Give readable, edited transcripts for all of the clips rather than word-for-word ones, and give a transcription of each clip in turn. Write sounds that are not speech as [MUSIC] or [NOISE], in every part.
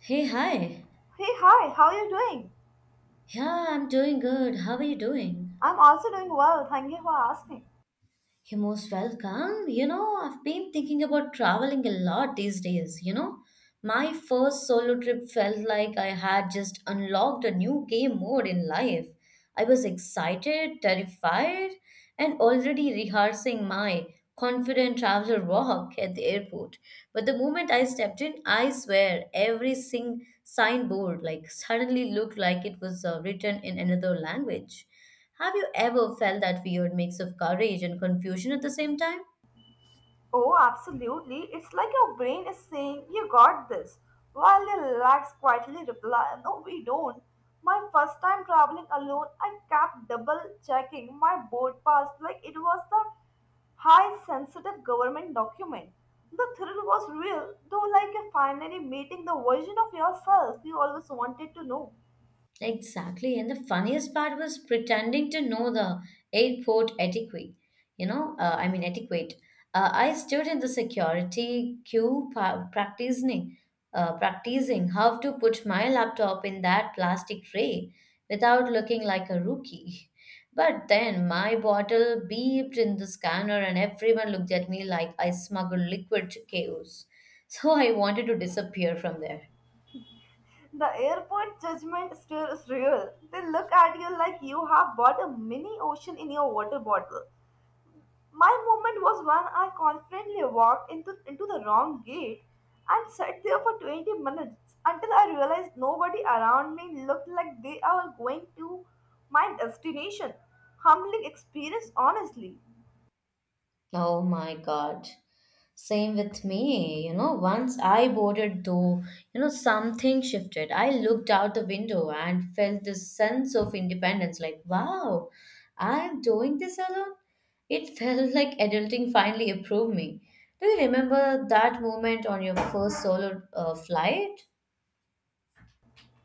Hey, hi. Hey, hi, how are you doing? Yeah, I'm doing good. How are you doing? I'm also doing well, thank you for asking. You're most welcome. I've been thinking about traveling a lot these days. My first solo trip felt like I had just unlocked a new game mode in life. I was excited, terrified, and already rehearsing my confident traveler walk at the airport. But the moment I stepped in, I swear every sing signboard like suddenly looked like it was written in another language. Have you ever felt that weird mix of courage and confusion at the same time? Oh, absolutely. It's like your brain is saying, You got this, while your legs quietly reply, No, we don't. My first time traveling alone, I kept double checking my board pass like it was the high sensitive government document. The thrill was real, though, like you're finally meeting the version of yourself you always wanted to know. Exactly. And the funniest part was pretending to know the airport etiquette. Etiquette. I stood in the security queue practicing how to put my laptop in that plastic tray without looking like a rookie. But then my bottle beeped in the scanner, and everyone looked at me like I smuggled liquid to chaos. So I wanted to disappear from there. The airport judgment still is real. They look at you like you have bought a mini ocean in your water bottle. My moment was when I confidently walked into the wrong gate and sat there for 20 minutes until I realized nobody around me looked like they are going to my destination. Humbling experience, honestly. Oh my God. Same with me. Once I boarded, though, something shifted. I looked out the window and felt this sense of independence like, wow, I'm doing this alone. It [LAUGHS] felt like adulting finally approved me. Do you remember that moment on your first solo flight?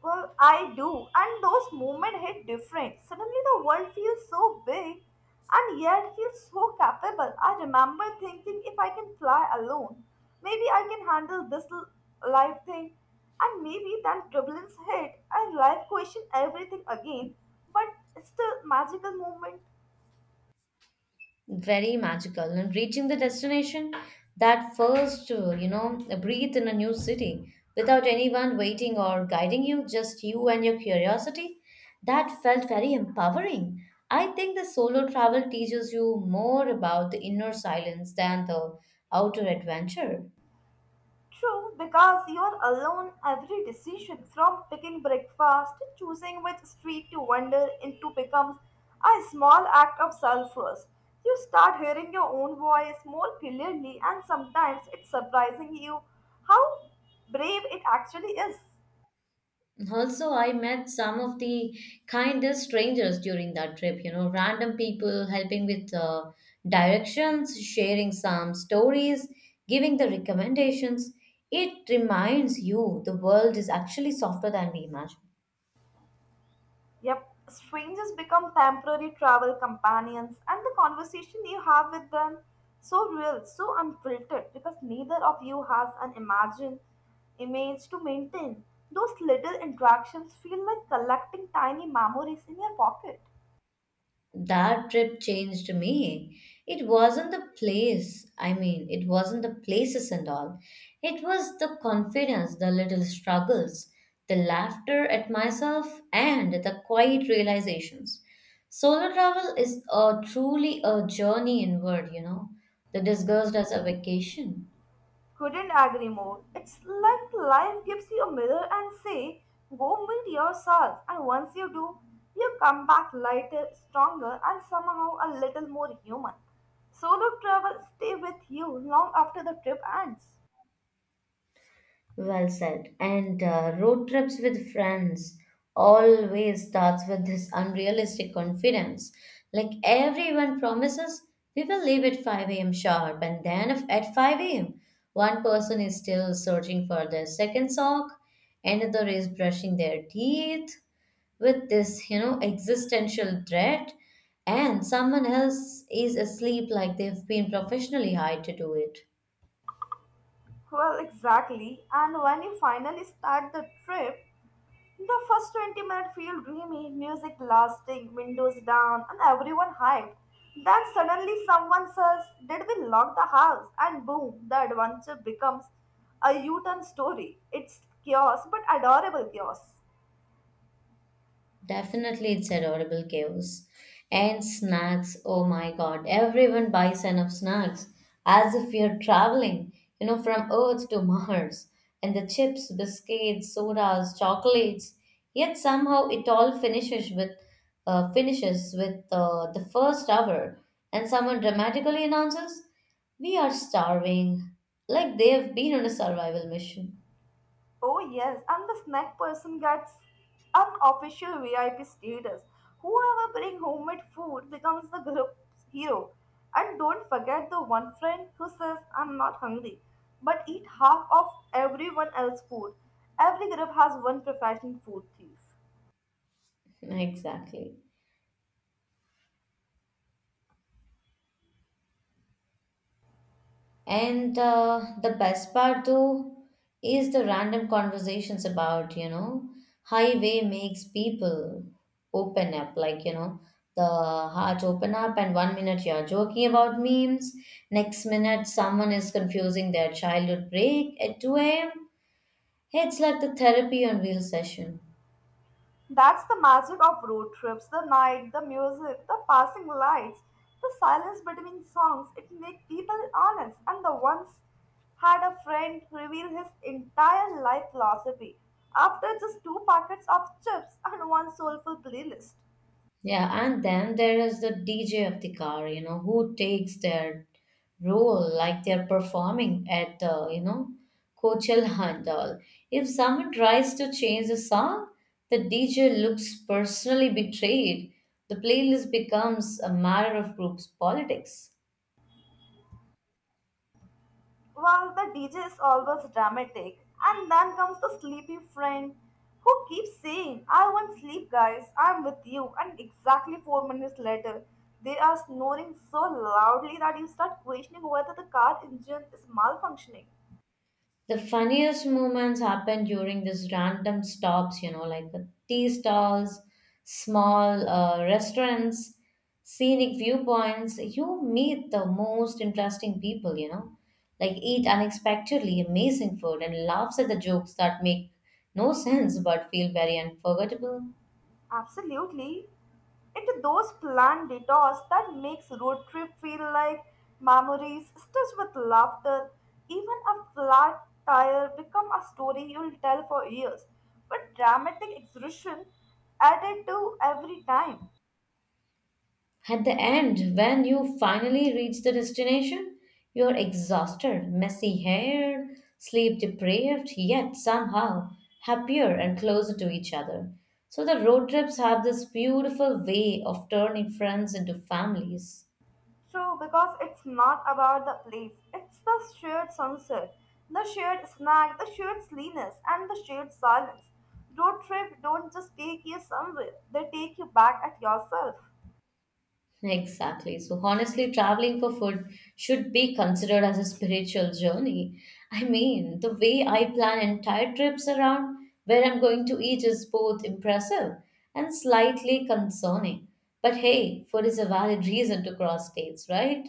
Well, I do, and those moments hit different. Suddenly, the world feels so big, and yet feels so capable. I remember thinking, if I can fly alone, maybe I can handle this life thing, and maybe that turbulence hit, and life questioned everything again. But still, magical moment. Very magical. And reaching the destination, that first breathe in a new city without anyone waiting or guiding you, just you and your curiosity, that felt very empowering. I think the solo travel teaches you more about the inner silence than the outer adventure. True, because you are alone every decision from picking breakfast to choosing which street to wander into becomes a small act of self-trust. You start hearing your own voice more clearly, and sometimes it's surprising you how brave it actually is. Also, I met some of the kindest strangers during that trip, you know, random people helping with directions, sharing some stories, giving the recommendations. It reminds you the world is actually softer than we imagine. Yep, strangers become temporary travel companions, and the conversation you have with them so real, so unfiltered, because neither of you has an imagined image to maintain. Those little interactions feel like collecting tiny memories in your pocket. That trip changed me. It wasn't the place, I mean, it wasn't the places and all. It was the confidence, the little struggles, the laughter at myself, and the quiet realizations. Solo travel is a, truly a journey inward, you know, that disguised as a vacation. Couldn't agree more. It's like life gives you a mirror and say, go meet yourself. And once you do, you come back lighter, stronger, and somehow a little more human. Solo travel stay with you long after the trip ends. Well said. And road trips with friends always starts with this unrealistic confidence. Like everyone promises, we will leave at 5 a.m. sharp, and then if at 5 a.m., one person is still searching for their second sock, another is brushing their teeth with this, you know, existential dread, and someone else is asleep like they've been professionally hired to do it. Well, exactly. And when you finally start the trip, the first 20 minutes feel dreamy, music lasting, windows down, and everyone hyped. Then suddenly someone says, Did we lock the house? And boom, the adventure becomes a U turn story. It's chaos, but adorable chaos. Definitely, it's adorable chaos. And snacks, oh my god, everyone buys enough snacks as if you're traveling, you know, from Earth to Mars. And the chips, biscuits, sodas, chocolates. Yet somehow it all finishes with the first hour, and someone dramatically announces, "We are starving," like they have been on a survival mission. Oh yes, and the snack person gets unofficial VIP status. Whoever bring homemade food becomes the group's hero. And don't forget the one friend who says, "I'm not hungry," but eat half of everyone else's food. Every group has one professional food thief. [LAUGHS] Exactly. And the best part though is the random conversations about, you know, highway makes people open up, like, you know, the heart open up, and one minute you're joking about memes, next minute someone is confusing their childhood break at 2 a.m. It's like the therapy on wheel session. That's the magic of road trips, the night, the music, the passing lights, the silence between songs. It makes people honest. And the once had a friend reveal his entire life philosophy after just two packets of chips and one soulful playlist. Yeah, and then there is the DJ of the car, you know, who takes their role like they're performing at the, you know, Coachel Handal. If someone tries to change the song, the DJ looks personally betrayed. The playlist becomes a matter of group's politics. Well, the DJ is always dramatic. And then comes the sleepy friend who keeps saying, I want sleep, guys, I'm with you. And exactly 4 minutes later, they are snoring so loudly that you start questioning whether the car engine is malfunctioning. The funniest moments happen during these random stops, you know, like the tea stalls, small restaurants, scenic viewpoints. You meet the most interesting people, you know, like eat unexpectedly amazing food and laughs at the jokes that make no [LAUGHS] sense but feel very unforgettable. Absolutely. Into those planned detours that makes road trip feel like memories stitched with laughter. Even a flat tire become a story you'll tell for years. But dramatic exertion added to every time. At the end, when you finally reach the destination, you're exhausted, messy haired, sleep deprived, yet somehow happier and closer to each other. So the road trips have this beautiful way of turning friends into families. True, because it's not about the place. It's the shared sunset, the shared snack, the shared sleenness, and the shared silence. Road trip don't just take you somewhere; they take you back at yourself. Exactly. So, honestly, traveling for food should be considered as a spiritual journey. I mean, the way I plan entire trips around where I'm going to eat is both impressive and slightly concerning. But hey, food is a valid reason to cross states, right?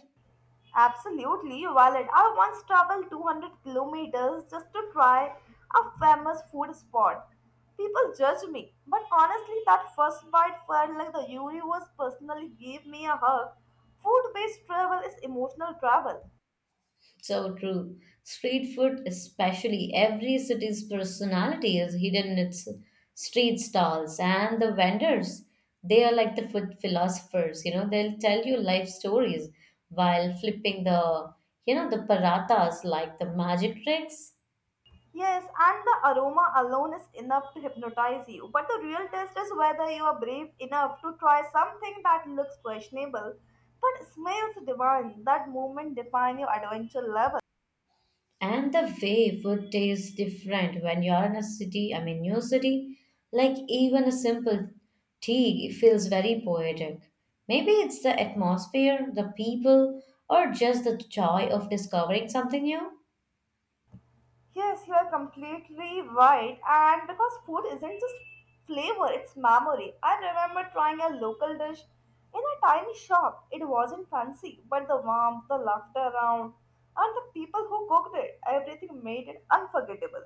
Absolutely valid. I once traveled 200 kilometers just to try a famous food spot. People judge me, but honestly, that first bite felt like the universe personally gave me a hug. Food based travel is emotional travel. So true. Street food, especially, every city's personality is hidden in its street stalls and the vendors. They are like the food philosophers, you know, they'll tell you life stories while flipping the, you know, the paratas like the magic tricks. Yes, and the aroma alone is enough to hypnotize you. But the real test is whether you are brave enough to try something that looks questionable but smells divine. That moment defines your adventure level. And the way food tastes different when you're in a city, I mean new city, like even a simple tea feels very poetic. Maybe it's the atmosphere, the people, or just the joy of discovering something new. Yes, you are completely right. And because food isn't just flavor, it's memory. I remember trying a local dish in a tiny shop. It wasn't fancy, but the warmth, the laughter around, and the people who cooked it, everything made it unforgettable.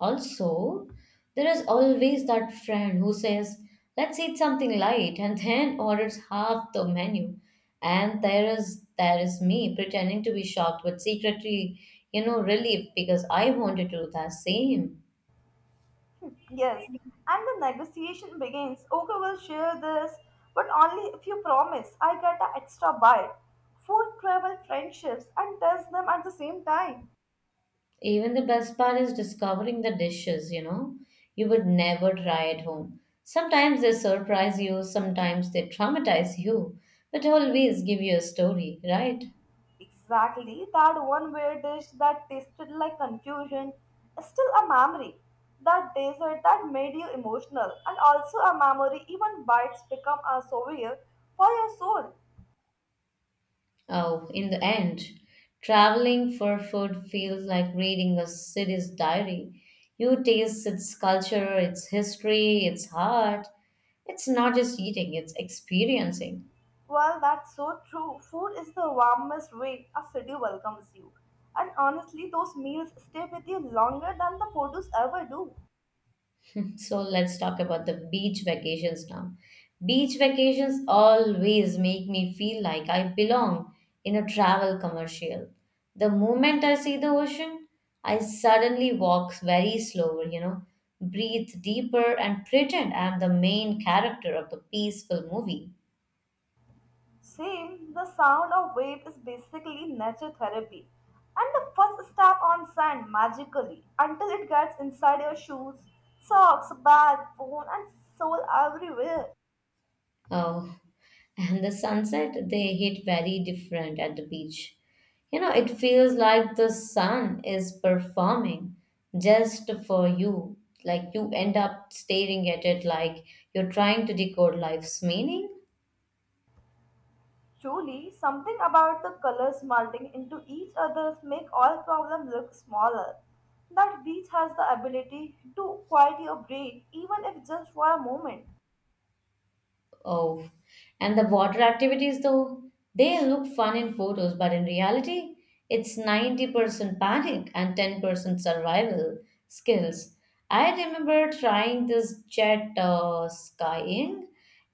Also, there is always that friend who says, let's eat something light and then [LAUGHS] orders half the menu. And there is me pretending to be shocked but secretly, you know, relieved because I wanted to do the same. Yes, and the negotiation begins. Okay, we'll share this, but only if you promise I get an extra bite. Food, travel, friendships, and test them at the same time. Even the best part is discovering the dishes, you know, you would never try at home. Sometimes they surprise you, sometimes they traumatize you, but always give you a story, right? Exactly, that one weird dish that tasted like confusion is still a memory. That dessert that made you emotional and also a memory, even bites become a souvenir for your soul. Oh, in the end, traveling for food feels like reading a city's diary. You taste its culture, its history, its heart. It's not just eating, it's experiencing. Well, that's so true. Food is the warmest way a city welcomes you. And honestly, those meals stay with you longer than the photos ever do. So let's talk about the beach vacations now. Beach vacations always make me feel like I belong in a travel commercial. The moment I see the ocean, I suddenly walk very slower, you know, breathe deeper and pretend I'm the main character of the peaceful movie. Same, the sound of wave is basically nature therapy. And the first step on sand magically until it gets inside your shoes, socks, bag, phone, and soul everywhere. Oh, and the sunset, they hit very different at the beach. You know, it feels like the sun is performing just for you. Like you end up staring at it like you're trying to decode life's meaning. Truly, something about the colors melting into each other make all problems look smaller. That beach has the ability to quiet your brain even if just for a moment. Oh, and the water activities, though, they look fun in photos, but in reality, it's 90% panic and 10% survival skills. I remember trying this jet skiing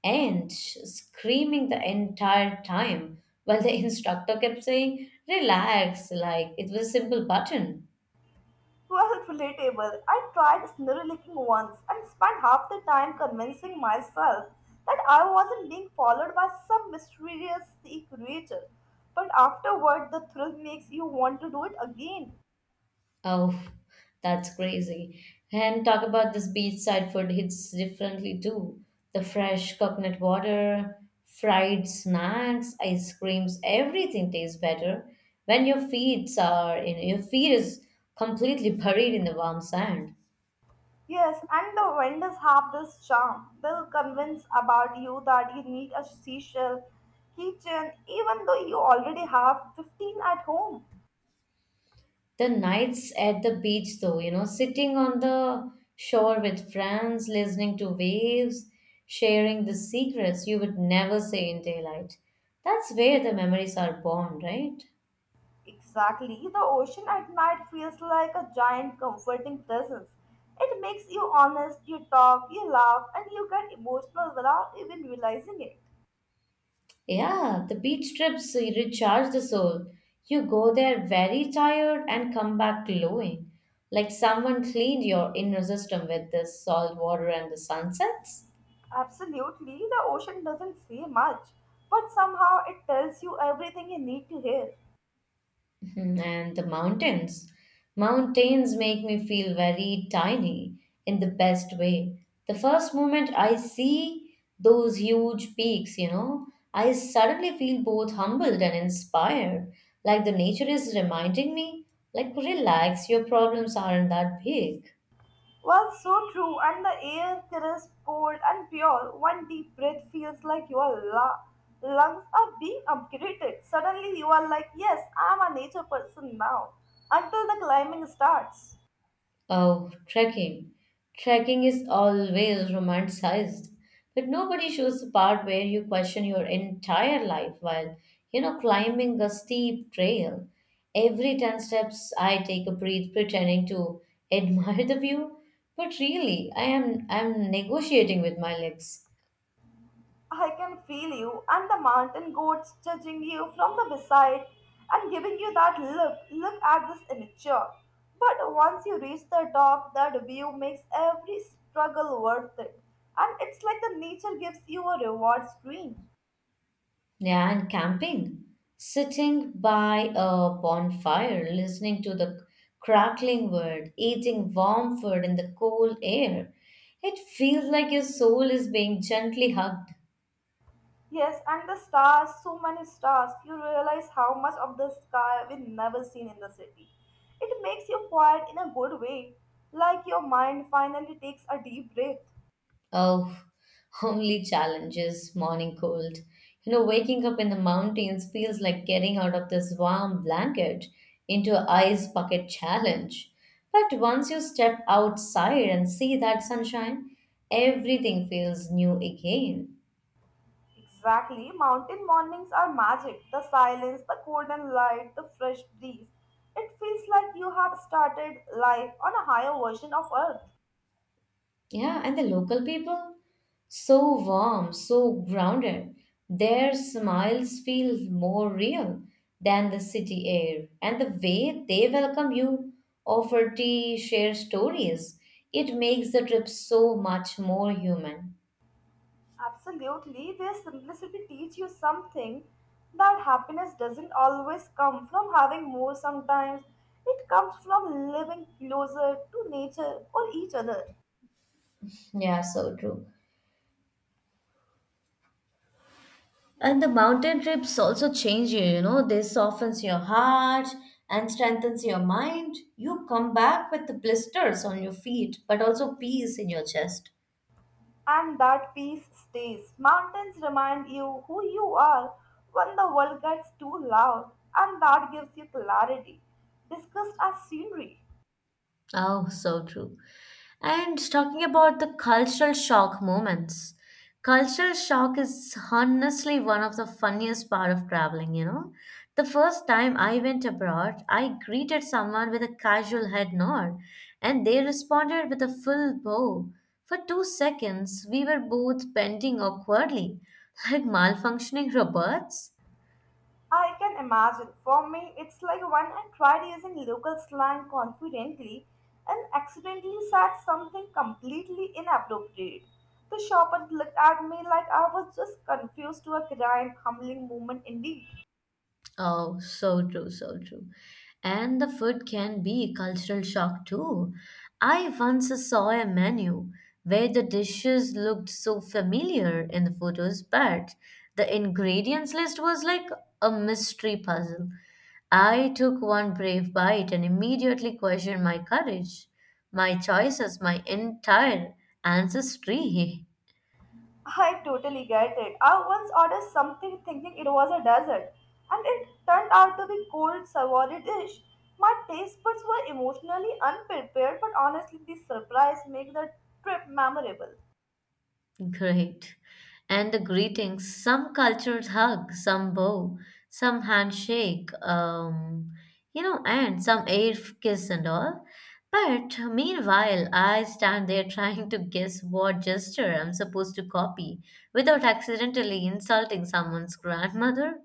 and screaming the entire time while the [LAUGHS] instructor kept saying, Relax, like it was a simple button. Well, relatable. I tried snowlicking once and spent half the time convincing myself that I wasn't being followed by some mysterious sea creature. But afterward, the thrill makes you want to do it again. Oh, that's crazy. And talk about this beachside food hits differently too. The fresh coconut water, fried snacks, ice creams, everything tastes better when your feet is completely buried in the warm sand. Yes, and the vendors have this charm. They'll convince about you that you need a seashell, keychain, even though you already have 15 at home. The nights at the beach though, you know, sitting on the shore with friends, listening to waves, sharing the secrets you would never say in daylight. That's where the memories are born, right? Exactly. The ocean at night feels like a giant comforting presence. It makes you honest, you talk, you laugh, and you get emotional without even realizing it. Yeah, the beach trips recharge the soul. You go there very tired and come back glowing, like someone cleaned your inner system with the salt water and the sunsets. Absolutely, the ocean doesn't say much, but somehow it tells you everything you need to hear. Mhm. And the mountains. Mountains make me feel very tiny in the best way. The first moment I see those huge peaks, you know, I suddenly feel both humbled and inspired. Like the nature is reminding me, like, relax, your problems aren't that big. Well, so true, and the air crisp, cold, and pure. One deep breath feels like your lungs are being upgraded. Suddenly, you are like, Yes, I'm a nature person now, until the climbing starts. Oh, trekking. Trekking is always romanticized, but nobody shows the part where you question your entire life while, you know, climbing a steep trail. Every 10 steps, I take a breath pretending to [LAUGHS] admire the view, but really, I'm negotiating with my legs. I can feel you, and the mountain goats judging you from the beside and giving you that look, look at this immature. But once you reach the top, that view makes every struggle worth it. And it's like the nature gives you a reward screen. Yeah, and camping, sitting by a bonfire, listening to the crackling wood, eating warm food in the cool air. It feels like your soul is being gently hugged. Yes, and the stars, so many stars, you realize how much of the sky we've never seen in the city. It makes you quiet in a good way, like your mind finally takes a deep breath. Oh, [LAUGHS] only challenge is morning cold. You know, waking up in the mountains feels like getting out of this warm blanket into an ice bucket challenge. But once you step outside and see that sunshine, everything feels new again. Exactly. Mountain mornings are magic. The silence, the golden light, the fresh breeze. It feels like you have started life on a higher version of Earth. Yeah, and the local people, so warm, so grounded. Their smiles feel more real than the city air. And the way they welcome you, offer tea, share stories, it makes the trip so much more human. Absolutely. Their simplicity teach you something, that happiness doesn't always come from having more sometimes. It comes from living closer to nature or each other. Yeah, so true. And the mountain trips also change you, you know, they softens your heart and strengthens your mind. You come back with the blisters on your feet, but also peace in your chest. And that peace stays. Mountains remind you who you are when the world gets too loud, and that gives you clarity. Discussed as scenery. Oh, so true. And talking about the cultural shock moments, cultural shock is honestly one of the funniest part of traveling, you know. The first time I went abroad, I greeted someone with a casual head nod, and they responded with a full bow. For 2 seconds, we were both bending awkwardly, [LAUGHS] like malfunctioning robots. I can imagine. For me, it's like when I tried using local slang confidently and accidentally said something completely inappropriate. The shopper looked at me like I was just confused to a crime, humbling moment indeed. Oh, so true, so true. And the food can be a cultural shock too. I once saw a menu where the dishes looked so familiar in the photos, but the ingredients list was like a mystery puzzle. I took one brave bite and immediately questioned my courage, my choices, my entire ancestry. [LAUGHS] I totally get it. I once ordered something thinking it was a dessert, and it turned out to be cold savory dish. My taste buds were emotionally unprepared, but honestly, the surprise make the trip memorable. Great. And the greetings. Some cultures hug, some bow, some handshake, and some kiss and all. But meanwhile, I stand there [LAUGHS] trying to guess what gesture I'm supposed to copy without accidentally insulting someone's grandmother.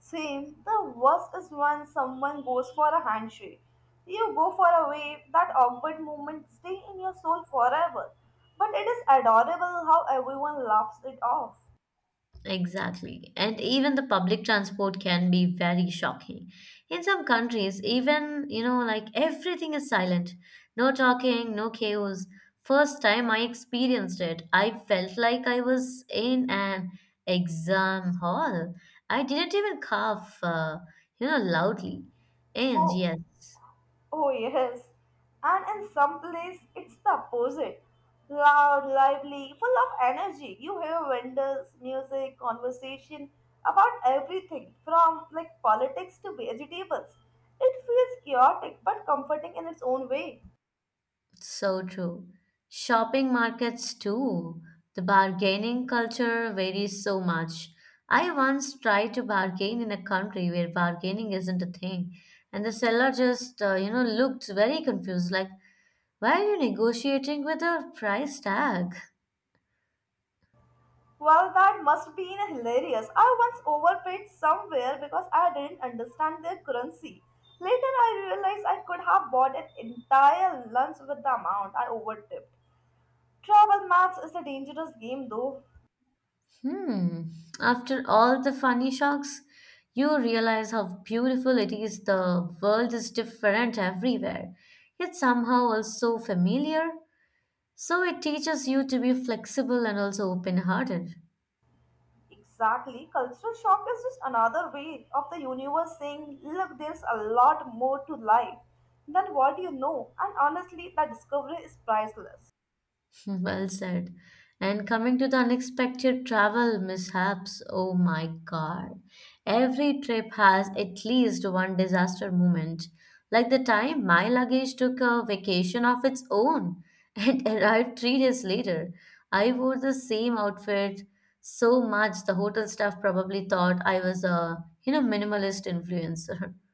Same, the worst is when someone goes for a handshake. You go for a wave, that awkward moment stay in your soul forever. But it is adorable how everyone laughs it off. Exactly. And even the public transport can be very shocking. In some countries, even, you know, like everything is silent. No talking, no chaos. First time I experienced it, I felt like I was in an exam hall. I didn't even cough, loudly. And Oh, yes. Oh, yes. And in some place, it's the opposite. Loud, lively, full of energy. You hear vendors, music, conversation about everything from like politics to vegetables. It feels chaotic but comforting in its own way. So true. Shopping markets too. The bargaining culture varies so much. I once tried to bargain in a country where bargaining isn't a thing, and the seller just, looked very confused, like, why are you negotiating with a price tag? Well, that must be hilarious. I once overpaid somewhere because I didn't understand their currency. Later, I realized I could have bought an entire lunch with the amount I overtipped. Travel maths is a dangerous game, though. Hmm. After all the funny shocks, you realize how beautiful it is. The world is different everywhere, yet somehow also familiar. So it teaches you to be flexible and also open hearted. Exactly. Cultural shock is just another way of the universe saying, look, there's a lot more to life than what you know. And honestly, that discovery is priceless. [LAUGHS] [LAUGHS] Well said. And coming to the unexpected travel mishaps, oh my god. Every trip has at least one disaster moment. Like the time my luggage took a vacation of its own and [LAUGHS] arrived 3 days later. I wore the same outfit so much the hotel staff probably thought I was a minimalist influencer. [LAUGHS]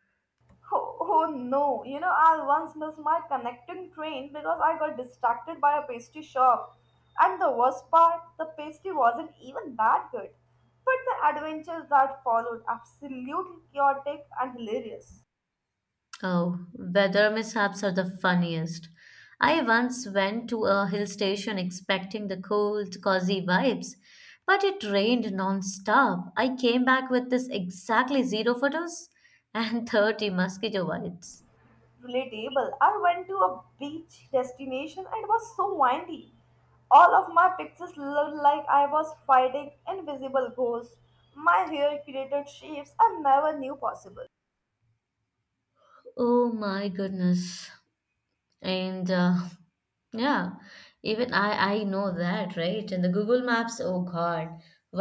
Oh, oh no, you know, I once missed my connecting train because I got distracted by a pastry shop. And the worst part, the pastry wasn't even that good. But the adventures that followed absolutely chaotic and hilarious. Oh, weather mishaps are the funniest. I once went to a hill station expecting the cold, cozy vibes, but it rained non-stop. I came back with this exactly zero photos and [LAUGHS] 30 mosquito bites. Relatable. I went to a beach destination and it was so windy. All of my pictures looked like I was fighting invisible ghosts. My hair created shapes I never knew possible. Oh my goodness. And yeah, even I know that, right? And the Google Maps, oh God,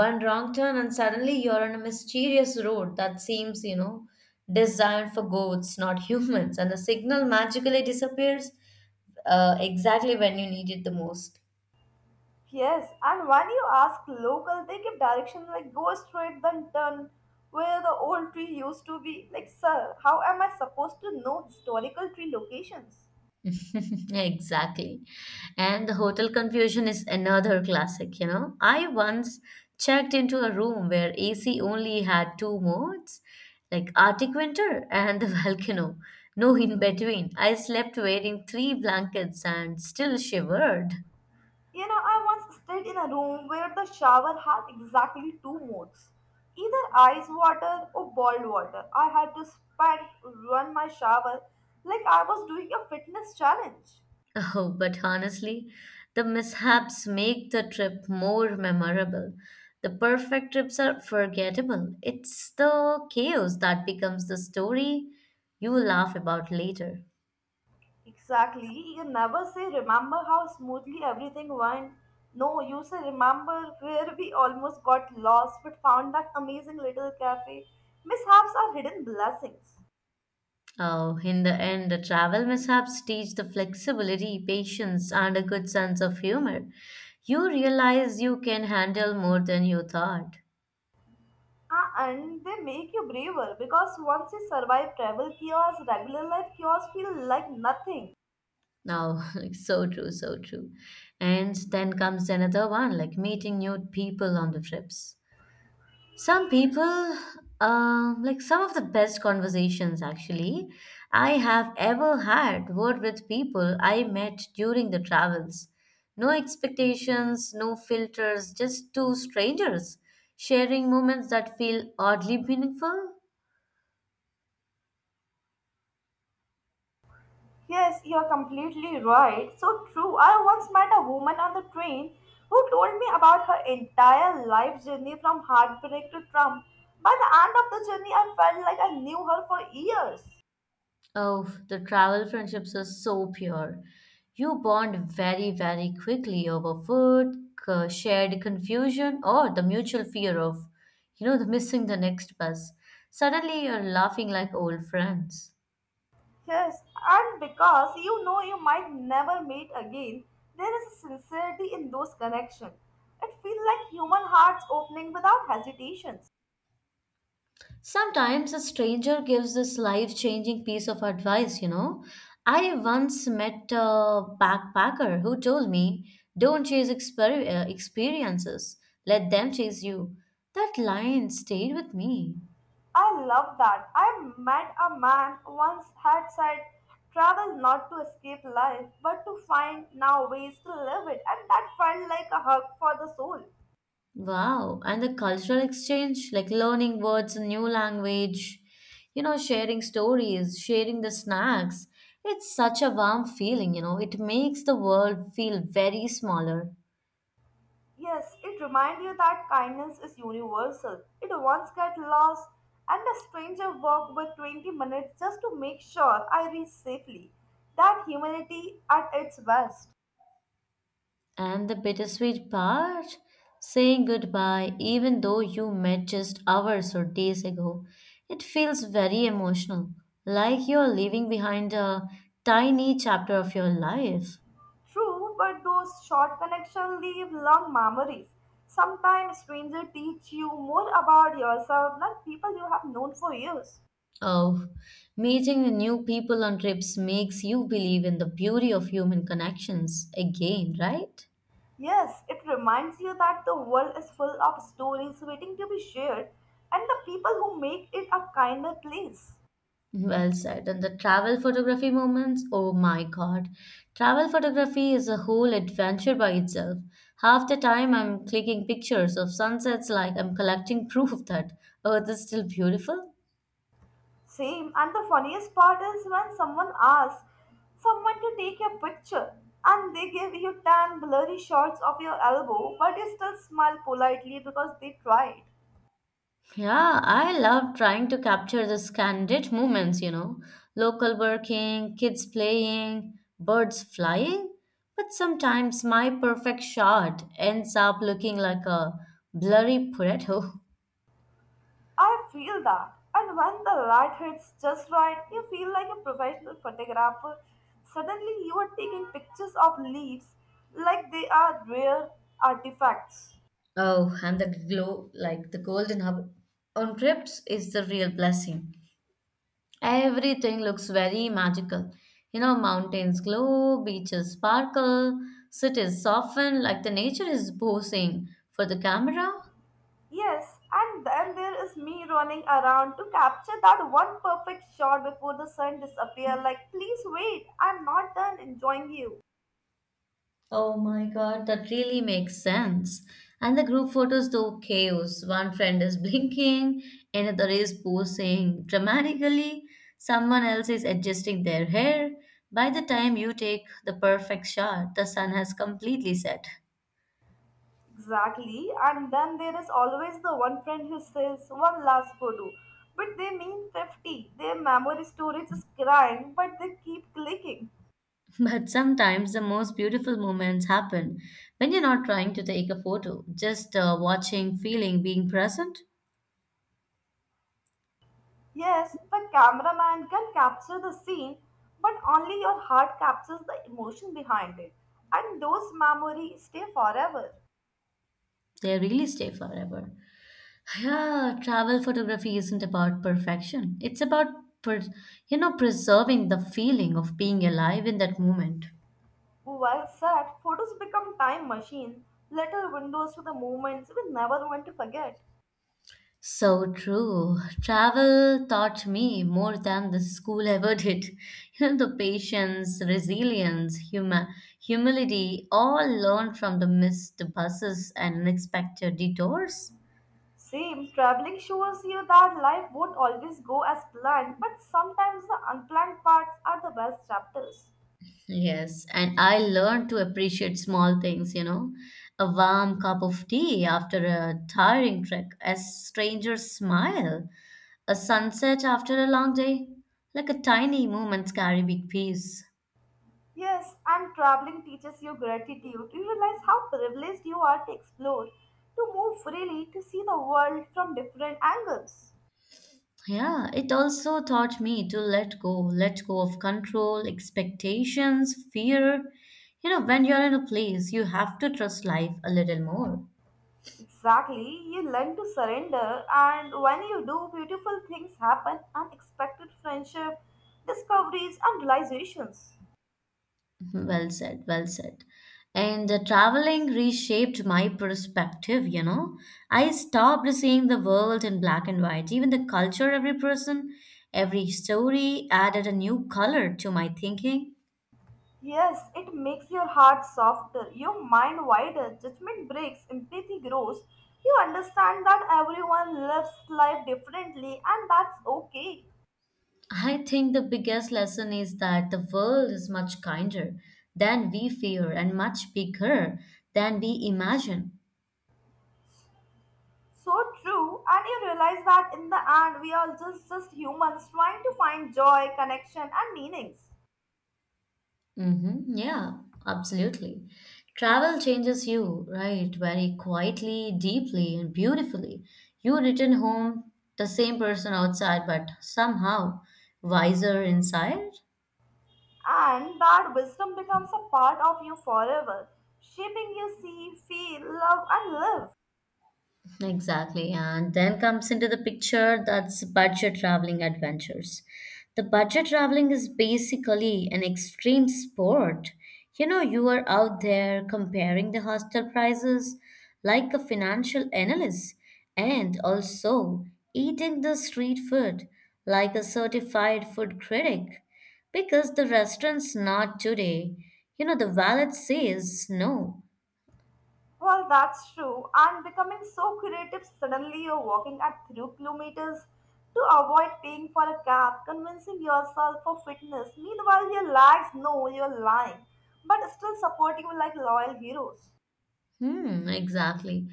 one wrong turn and suddenly you're on a mysterious road that seems, designed for goats, not [LAUGHS] humans, and the signal magically disappears exactly when you need it the most. Yes, and when you ask local, they give directions like go straight then turn where the old tree used to be. Like, sir, how am I supposed to know historical tree locations? [LAUGHS] Exactly. And the hotel confusion is another classic, I once checked into a room where AC only had two modes, like Arctic winter and the [LAUGHS] volcano. No in between. I slept wearing three blankets and still shivered. You know, I once stayed in a room where the shower had exactly two modes, either ice water or boiled water. I had to spend, run my shower like I was doing a fitness challenge. Oh, but honestly, the mishaps make the trip more memorable. The perfect trips are forgettable. It's the chaos that becomes the story you will laugh about later. Exactly. You never say, remember how smoothly everything went. No, you say, remember where we almost got lost but found that amazing little cafe. Mishaps are hidden blessings. Oh, in the end, the travel mishaps teach the flexibility, patience, and a good sense of humor. You realize you can handle more than you thought. Ah, and they make you braver because once you survive travel chaos, regular life chaos feel like nothing. Now, [LAUGHS] like, so true, so true. And then comes another one, like meeting new people on the trips. Some people, like some of the best conversations actually I have ever had were with people I met during the travels. No expectations, no filters, just two strangers sharing moments that feel oddly meaningful. Yes, you're completely right. So true. I once met a woman on the train who told me about her entire life journey from heartbreak to Trump. By the end of the journey, I felt like I knew her for years. Oh, the travel friendships are so pure. You bond very, very quickly over food, shared confusion, or the mutual fear of, the missing the next bus. Suddenly you're laughing like old friends. Yes, and because you know you might never meet again, there is a sincerity in those connections. It feels like human hearts opening without hesitation. Sometimes a stranger gives this life changing piece of advice, I once met a backpacker who told me, don't chase experiences, let them chase you. That line stayed with me. I love that. I met a man once had said, travel not to escape life, but to find now ways to live it, and that felt like a hug for the soul. Wow, and the cultural exchange, like learning words in new language, sharing stories, sharing the snacks. It's such a warm feeling, It makes the world feel very smaller. Yes, it reminds you that kindness is universal. It once get lost, and a stranger walked with 20 minutes just to make sure I reach safely. That humanity at its best. And the bittersweet part, saying goodbye even though you met just hours or days ago. It feels very emotional, like you're leaving behind a tiny chapter of your life. True, but those short connections leave long memories. Sometimes strangers teach you more about yourself than people you have known for years. Of meeting new people on trips makes you believe in the beauty of human connections again, right? Yes, it reminds you that the world is full of stories waiting to be shared and the people who make it a kinder place. Well said. And the travel photography moments, oh my god. Travel photography is a whole adventure by itself. Half the time I'm clicking pictures of sunsets like I'm collecting proof that Earth is still beautiful. Same, and the funniest part is when someone asks someone to take your picture and they give you 10 blurry shots of your elbow, but you still smile politely because they tried. Yeah, I love trying to capture the candid moments, local working, kids playing, birds flying. But sometimes my perfect shot ends up looking like a blurry Pareto. [LAUGHS] I feel that. And when the light hits just right, you feel like a professional photographer. Suddenly, you are taking pictures of leaves like they are rare artifacts. Oh, and the glow, like the golden hour on trips, is the real blessing. Everything looks very magical. Mountains glow, beaches sparkle, cities soften, like the nature is posing for the camera. Yes, and then there is me running around to capture that one perfect shot before the sun disappears. Like, please wait, I'm not done enjoying you. Oh my god, that really makes sense. And the group photos do chaos. One friend is blinking, another is posing dramatically, someone else is adjusting their hair. By the time you take the perfect shot, the sun has completely set. Exactly, and then there is always the one friend who says one last photo, but they mean 50. Their memory storage is crying, but they keep clicking. [LAUGHS] But sometimes the most beautiful moments happen when you're not trying to take a photo, just watching, feeling, being present. Yes, the cameraman can capture the scene, but only your heart captures the emotion behind it, and those memories stay forever. They really stay forever. Yeah, travel photography isn't about perfection. It's about per- preserving the feeling of being alive in that moment. While said, photos become time machine, little windows to the moments we never want to forget. So true. Travel taught me more than the school ever did. [LAUGHS] You know, the patience, resilience, huma humility, all learned from the missed buses and unexpected detours. Same, traveling shows you that life won't always go as planned, but sometimes the unplanned parts are the best chapters. Yes, and I learned to appreciate small things, a warm cup of tea after a tiring trek, a stranger's smile, a sunset after a long day. Like a tiny moments carry big peace. Yes, and traveling teaches you gratitude. You realize how privileged you are to explore, to move freely, to see the world from different angles. Yeah, it also taught me to let go of control, expectations, fear. You know, when you're in a place, you have to trust life a little more. Exactly, you learn to surrender, and when you do, beautiful things happen unexpected friendship, discoveries, and realizations. Well said, well said. And traveling reshaped my perspective, I stopped seeing the world in black and white. Even the culture, every person, every story added a new color to my thinking. Yes, it makes your heart softer, your mind wider, judgment breaks, empathy grows. You understand that everyone lives life differently and that's okay. I think the biggest lesson is that the world is much kinder than we fear and much bigger than we imagine. So true, and you realize that in the end we are just humans trying to find joy, connection and meanings. Mm-hmm. Yeah, absolutely. Travel changes you, right? Very quietly, deeply, and beautifully. You return home the same person outside, but somehow wiser inside. And that wisdom becomes a part of you forever, shaping you see, feel, love and live. Exactly. And then comes into the picture that's budget traveling adventures. The budget traveling is basically an extreme sport. You know, you are out there comparing the hostel prices like a financial analyst and also eating the street food like a certified food critic because the restaurant's not today. You know, the wallet says no. Well, that's true. And becoming so creative suddenly you're walking at 3 kilometers to avoid paying for a cab, convincing yourself for fitness. Meanwhile, your legs know you're lying, but still supporting you like loyal heroes. Hmm, exactly.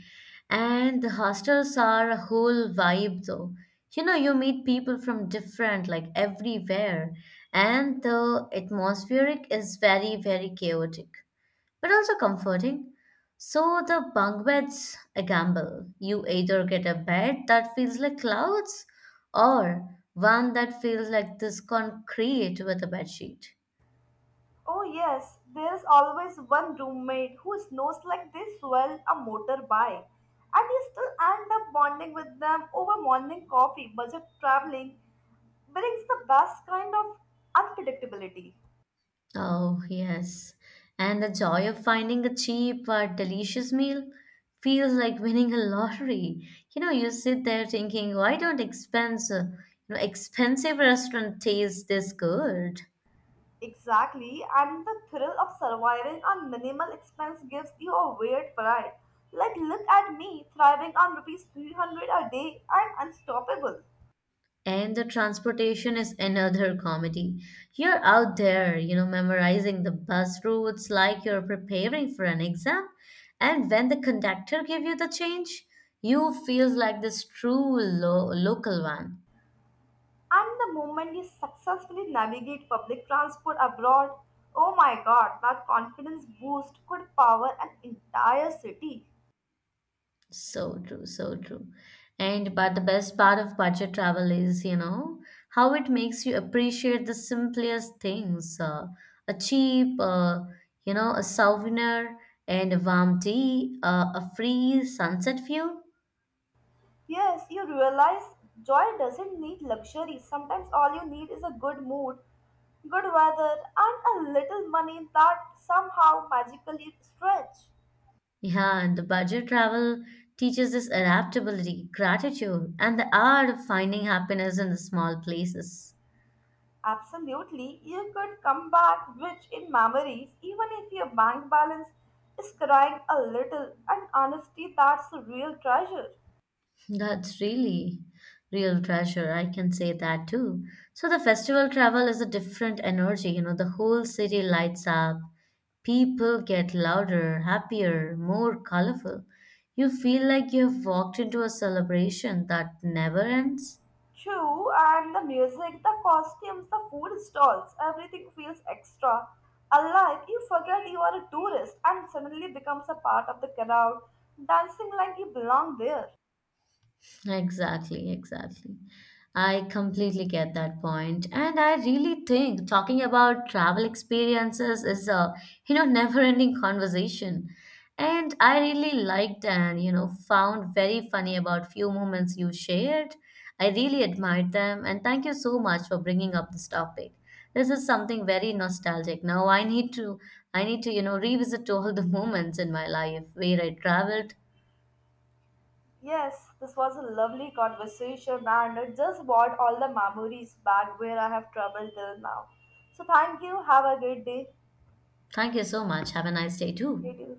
And the hostels are a whole vibe though. You know, you meet people from different, like everywhere, and the atmospheric is very, very chaotic, but also comforting. So the bunk beds a gamble. You either get a bed that feels like clouds or one that feels like this concrete with a bed sheet. Oh, yes, there is always one roommate who snows like they swell a motorbike, and you still end up bonding with them over morning coffee, budget traveling brings the best kind of unpredictability. Oh, yes. And the joy of finding a cheap but delicious meal feels like winning a lottery. You know, you sit there thinking, why don't expensive restaurant taste this good? Exactly, and the thrill of surviving on minimal expense gives you a weird pride. Like, look at me thriving on rupees 300 a day. I'm unstoppable. And the transportation is another comedy. You're out there, memorizing the bus routes like you're preparing for an exam. And when the conductor gives you the change, you feels like this true local one. And the moment you successfully navigate public transport abroad, oh my god, that confidence boost could power an entire city. So true, so true. And but the best part of budget travel is, how it makes you appreciate the simplest things. A cheap, a souvenir and a warm tea, a free sunset view. Yes, you realize joy doesn't need luxury. Sometimes all you need is a good mood, good weather, and a little money that somehow magically stretch. Yeah, and the budget travel teaches this adaptability, gratitude, and the art of finding happiness in the small places. Absolutely, you could come back rich in memories even if your bank balance is crying a little, and honesty that's a real treasure. That's really real treasure. I can say that too. So the festival travel is a different energy. You know, the whole city lights up. People get louder, happier, more colorful. You feel like you have walked into a celebration that never ends. True, and the music, the costumes, the food stalls, everything feels extra. Alive, you forget you are a tourist and suddenly becomes a part of the crowd, dancing like you belong there. Exactly, exactly. I completely get that point. And I really think talking about travel experiences is a, never-ending conversation. And I really liked and, found very funny about few moments you shared. I really admired them and thank you so much for bringing up this topic. This is something very nostalgic. Now I need to revisit all the [LAUGHS] moments in my life where I traveled. Yes, this was a lovely conversation and it just brought all the memories back where I have traveled till now. So thank you, have a great day. Thank you so much. Have a nice day too. Great day.